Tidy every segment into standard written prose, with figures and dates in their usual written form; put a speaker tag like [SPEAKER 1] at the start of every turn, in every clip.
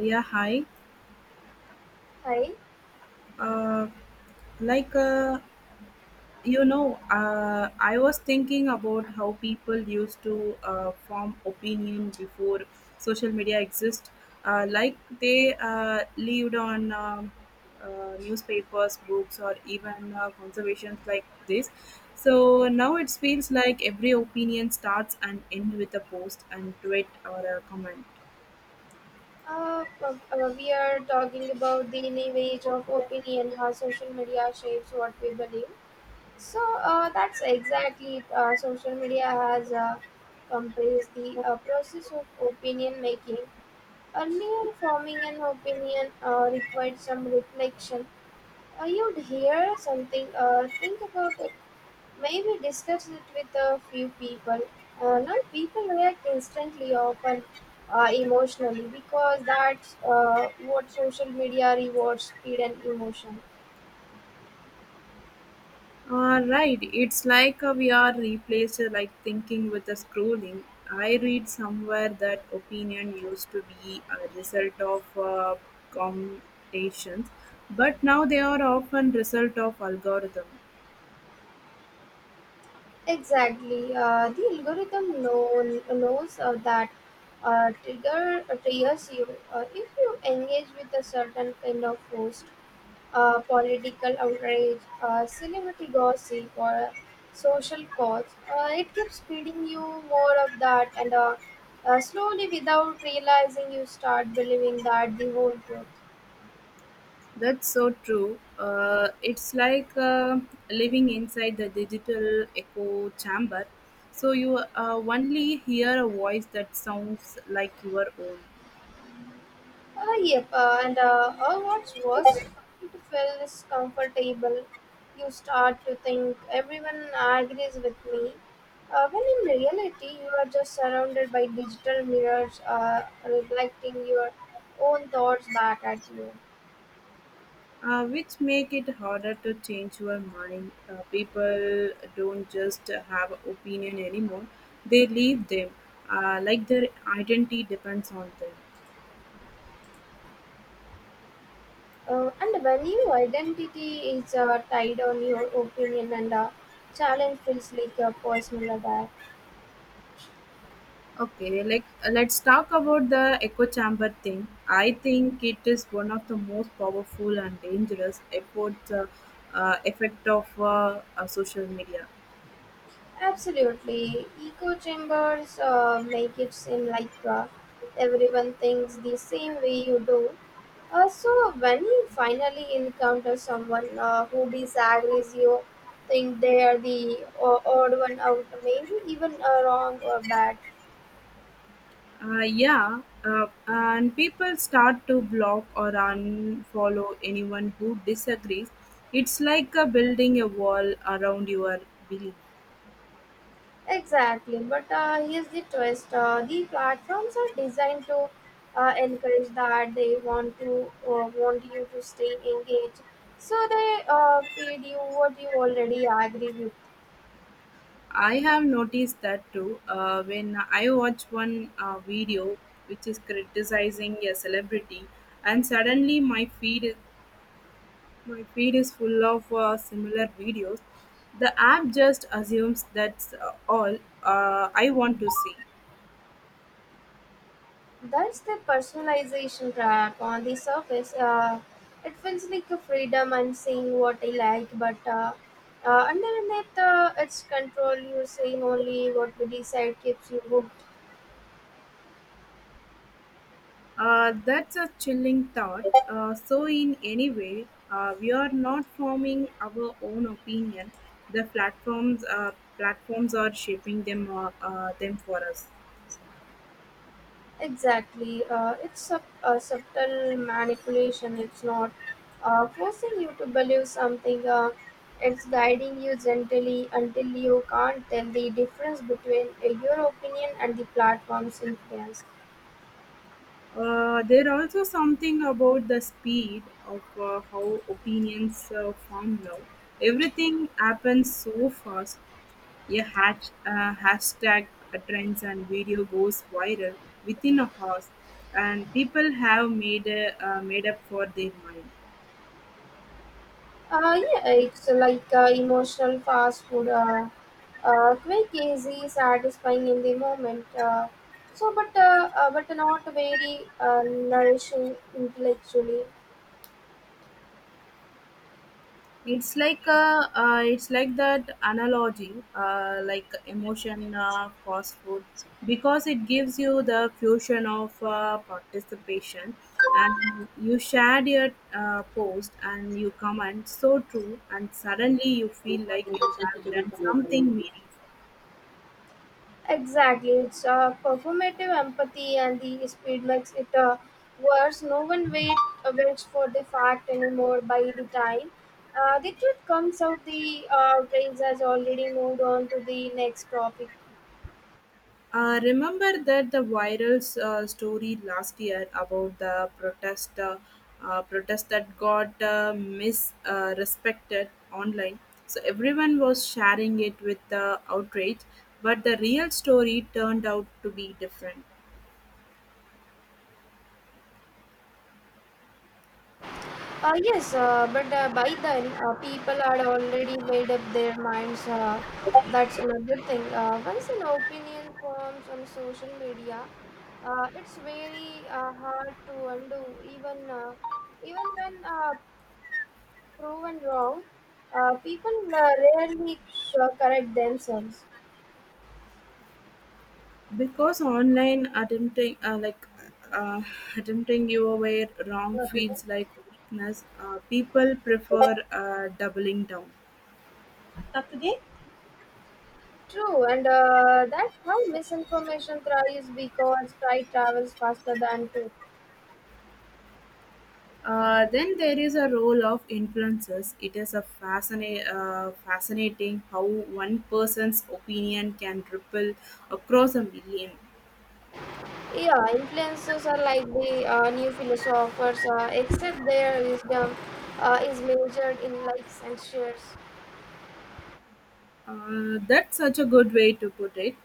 [SPEAKER 1] Yeah, hi.
[SPEAKER 2] Hi.
[SPEAKER 1] Uh, like, uh, I was thinking about how people used to form opinion before social media exists. Like, they lived on newspapers, books, or even conservations like this. So now it feels like every opinion starts and ends with a post and tweet or a comment.
[SPEAKER 2] We are talking about the leverage of opinion, how social media shapes what we believe. So that's exactly social media has compressed the process of opinion making. Earlier, forming an opinion required some reflection. You'd hear something, think about it. Maybe discuss it with a few people. Now, people react instantly, often emotionally, because that's what social media rewards speed and emotion.
[SPEAKER 1] Right, it's like we are replaced like thinking with a scrolling. I read somewhere that opinion used to be a result of computations, but now they are often result of algorithm.
[SPEAKER 2] Exactly. The algorithm knows that triggers you if you engage with a certain kind of post. Political outrage, celebrity gossip, or a social cause. It keeps feeding you more of that, and slowly, without realizing, you start believing that the whole truth.
[SPEAKER 1] That's so true. It's like living inside the digital echo chamber. So you only hear a voice that sounds like your own.
[SPEAKER 2] Yep, and what's worse, it feels comfortable. You start to think everyone agrees with me. When in reality, you are just surrounded by digital mirrors reflecting your own thoughts back at you.
[SPEAKER 1] Which make it harder to change your mind. People don't just have opinion anymore; they leave them, like their identity depends on them.
[SPEAKER 2] And when your identity is tied on your opinion and challenge feels like a personal attack.
[SPEAKER 1] Okay, like let's talk about the echo chamber thing. I think it is one of the most powerful and dangerous effect of social media.
[SPEAKER 2] Absolutely. Echo chambers make it seem like everyone thinks the same way you do. So when you finally encounter someone who disagrees you, think they are the odd one out, maybe even wrong or bad.
[SPEAKER 1] Yeah, and people start to block or unfollow anyone who disagrees. It's like building a wall around your belief.
[SPEAKER 2] Exactly, but here's the twist. The platforms are designed to encourage that they want to want you to stay engaged. So they feed you what you already agree with.
[SPEAKER 1] I have noticed that too. When I watch one video which is criticizing a celebrity, and suddenly my feed is full of similar videos. The app just assumes that's all I want to see.
[SPEAKER 2] That's the personalization trap. On the surface, it feels like a freedom and saying what I like, but underneath it's control. You're saying only what we decide keeps you hooked.
[SPEAKER 1] That's a chilling thought. So, in any way, we are not forming our own opinion. The platforms platforms are shaping them them for us.
[SPEAKER 2] Exactly. It's a subtle manipulation. It's not forcing you to believe something. It's guiding you gently until you can't tell the difference between your opinion and the platform's influence.
[SPEAKER 1] There also something about the speed of how opinions form now. Everything happens so fast. A hashtag trends and video goes viral within a house, and people have made up for their mind.
[SPEAKER 2] Yeah, it's like emotional fast food. Quick, easy, satisfying in the moment. So, but not very nourishing intellectually.
[SPEAKER 1] It's like that analogy, like emotion fast food, because it gives you the fusion of participation, and you shared your post and you comment so true, and suddenly you feel like you have done something meaningful.
[SPEAKER 2] Exactly, it's a performative empathy, and the speed makes it worse. No one waits for the fact anymore. By the time the truth comes out, the brains has already moved on to the next topic.
[SPEAKER 1] Remember that the viral story last year about the protest that got misrespected online. So everyone was sharing it with the outrage, but the real story turned out to be different
[SPEAKER 2] Yes, but by then people had already made up their minds. That's another thing. Once an opinion forms on social media, it's very hard to undo. Even when proven wrong, people rarely correct themselves.
[SPEAKER 1] because online uh, attempting your way wrong feels like weakness. People prefer doubling down.
[SPEAKER 2] तक दे True, and that's how misinformation thrives because pride travels faster than truth.
[SPEAKER 1] Then there is a role of influences. It is a fascinating how one person's opinion can ripple across a million.
[SPEAKER 2] Yeah, influencers are like the new philosophers, except their wisdom is measured in likes and shares.
[SPEAKER 1] That's such a good way to put it.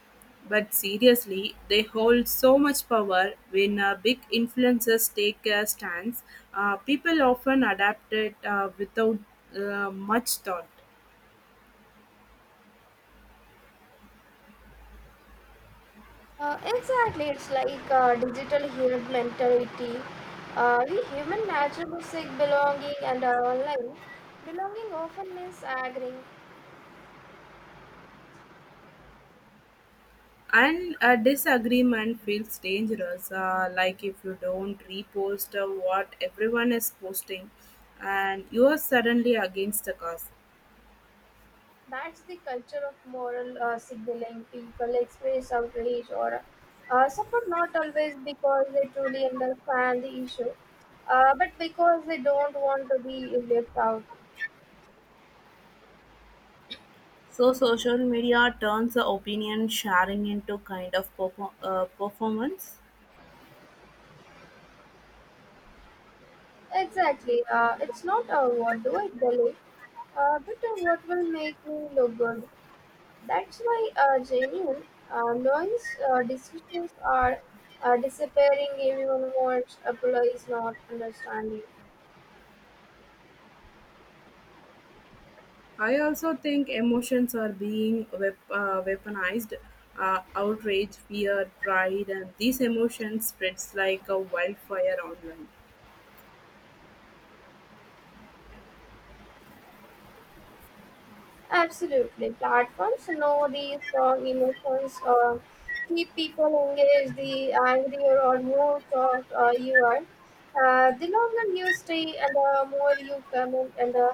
[SPEAKER 1] But seriously, they hold so much power. When big influencers take a stance, people often adapt it without much thought.
[SPEAKER 2] Exactly, it's like digital herd mentality. We human naturally seek belonging and online. Belonging often means agreeing.
[SPEAKER 1] And a disagreement feels dangerous, like if you don't repost what everyone is posting and you are suddenly against the cause.
[SPEAKER 2] That's the culture of moral signaling. People express outrage or support not always because they truly understand the issue, but because they don't want to be left out.
[SPEAKER 1] So, social media turns the opinion sharing into kind of performance.
[SPEAKER 2] Exactly, it's not what do I believe, but what will make me look good. That's why genuine, noise discussions are disappearing. Everyone wants Apollo is not understanding.
[SPEAKER 1] I also think emotions are being weaponized. Outrage, fear, pride, and these emotions spreads like a wildfire online.
[SPEAKER 2] Absolutely, platforms know these strong emotions keep people engaged. The angrier or more shocked you are, the longer you stay, and the more you comment, and the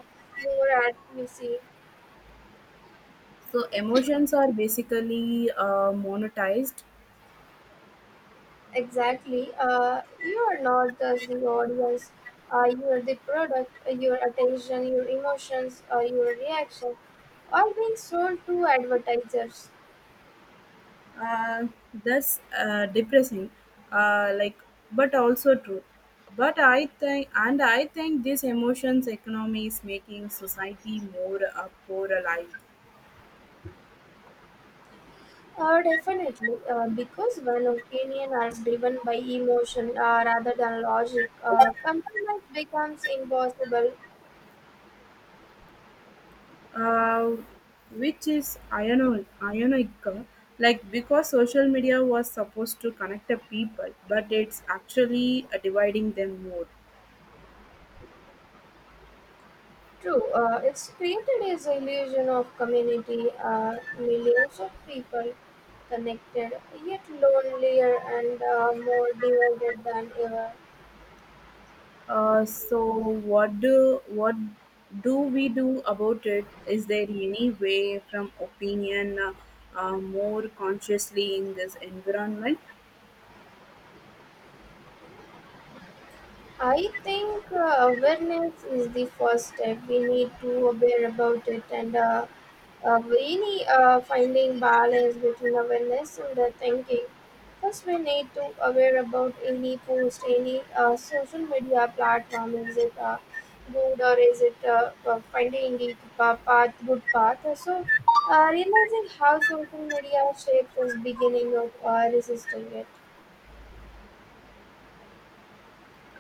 [SPEAKER 2] more active you see.
[SPEAKER 1] So emotions are basically monetized.
[SPEAKER 2] Exactly. You are not just the audience. You are the product. Your attention, your emotions, your reaction are being sold to advertisers.
[SPEAKER 1] uh, that's depressing, like, but also true. But I think this emotions economy is making society more polarized.
[SPEAKER 2] Definitely, because when opinion are driven by emotion rather than logic, compromise becomes impossible.
[SPEAKER 1] uh, which is ironic, like, because social media was supposed to connect the people, but it's actually dividing them more.
[SPEAKER 2] True, it's created this illusion of community, millions of people connected, yet lonelier and more divided than ever.
[SPEAKER 1] So what do we do about it? Is there any way from opinion more consciously in this environment?
[SPEAKER 2] I think awareness is the first step. We need to aware about it, and we need finding balance between awareness and the thinking. First, we need to aware about any post, any social media platform. Is it good or is it finding the path, good path? So, realizing how social media shapes is beginning of resisting it.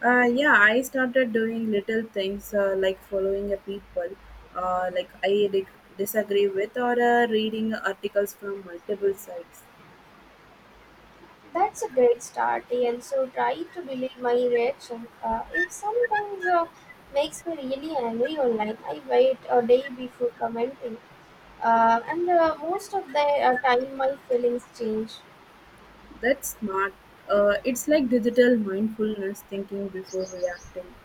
[SPEAKER 1] Yeah, I started doing little things like following a people uh, like I di- disagree with or reading articles from multiple sites.
[SPEAKER 2] That's a great start, and so try to delay my reaction. If sometimes makes me really angry online, I wait a day before commenting, and most of the time my feelings change.
[SPEAKER 1] That's smart. It's like digital mindfulness thinking before reacting.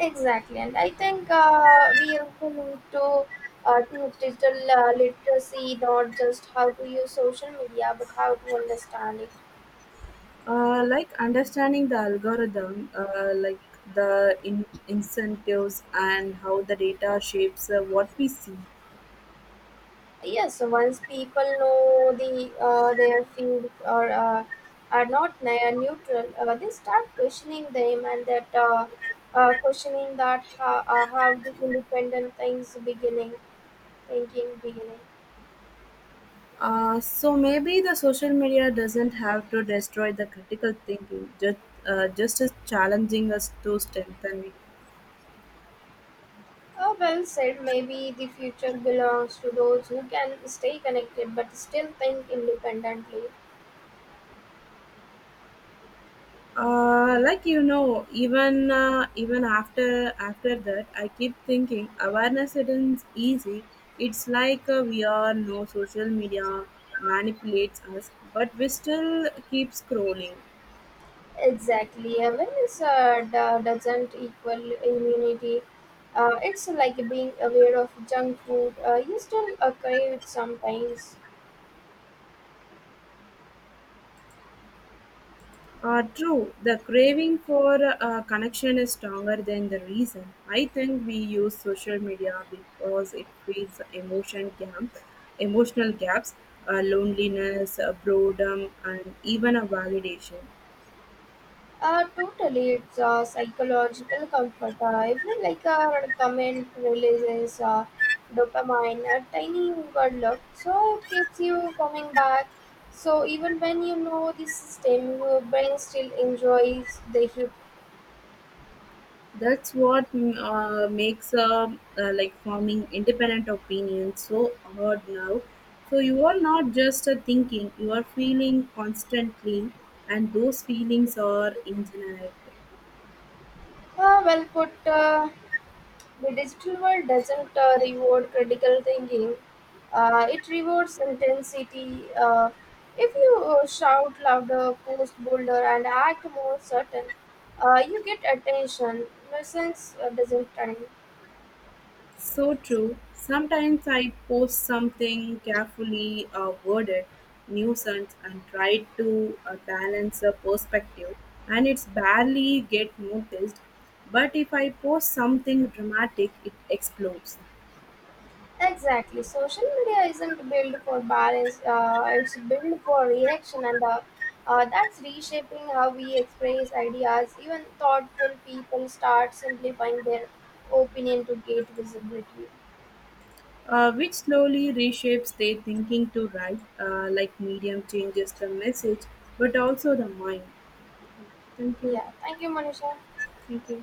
[SPEAKER 2] Exactly, and I think we also need to teach digital literacy, not just how to use social media, but how to understand it.
[SPEAKER 1] Like understanding the algorithm, incentives and how the data shapes what we see.
[SPEAKER 2] Yes, once people know the their field or are not neutral, they start questioning them, and that questioning that how the independent things beginning thinking beginning.
[SPEAKER 1] So maybe the social media doesn't have to destroy the critical thinking, just as challenging us to strengthen it.
[SPEAKER 2] Well said. Maybe the future belongs to those who can stay connected but still think independently.
[SPEAKER 1] Even even after that, I keep thinking awareness isn't easy. It's like we are no social media manipulates us, but we still keep scrolling.
[SPEAKER 2] Exactly. Awareness doesn't equal immunity. It's like being aware of junk food. You still crave it sometimes.
[SPEAKER 1] True, the craving for connection is stronger than the reason. I think we use social media because it feeds emotion gap, emotional gaps, loneliness, boredom, and even a validation.
[SPEAKER 2] Totally, it's psychological comfort. Even like a comment releases dopamine, a tiny good look, so it keeps you coming back. So even when you know the system, your brain still enjoys the hit.
[SPEAKER 1] That's what makes like forming independent opinion so hard now. So you are not just thinking; you are feeling constantly, and those feelings are ingenuity.
[SPEAKER 2] Well put. The digital world doesn't reward critical thinking. It rewards intensity. If you shout louder, post bolder, and act more certain, you get attention. Nuisance doesn't trend.
[SPEAKER 1] So true. Sometimes I post something carefully worded nuisance and try to balance a perspective, and it's barely get noticed. But if I post something dramatic, it explodes.
[SPEAKER 2] Exactly. Social media isn't built for balance. It's built for reaction, and that's reshaping how we express ideas. Even thoughtful people start simplifying their opinion to gain visibility.
[SPEAKER 1] Which slowly reshapes their thinking to write, like medium changes the message, but also the mind. Thank you.
[SPEAKER 2] Yeah, thank you, Manisha.
[SPEAKER 1] Thank you.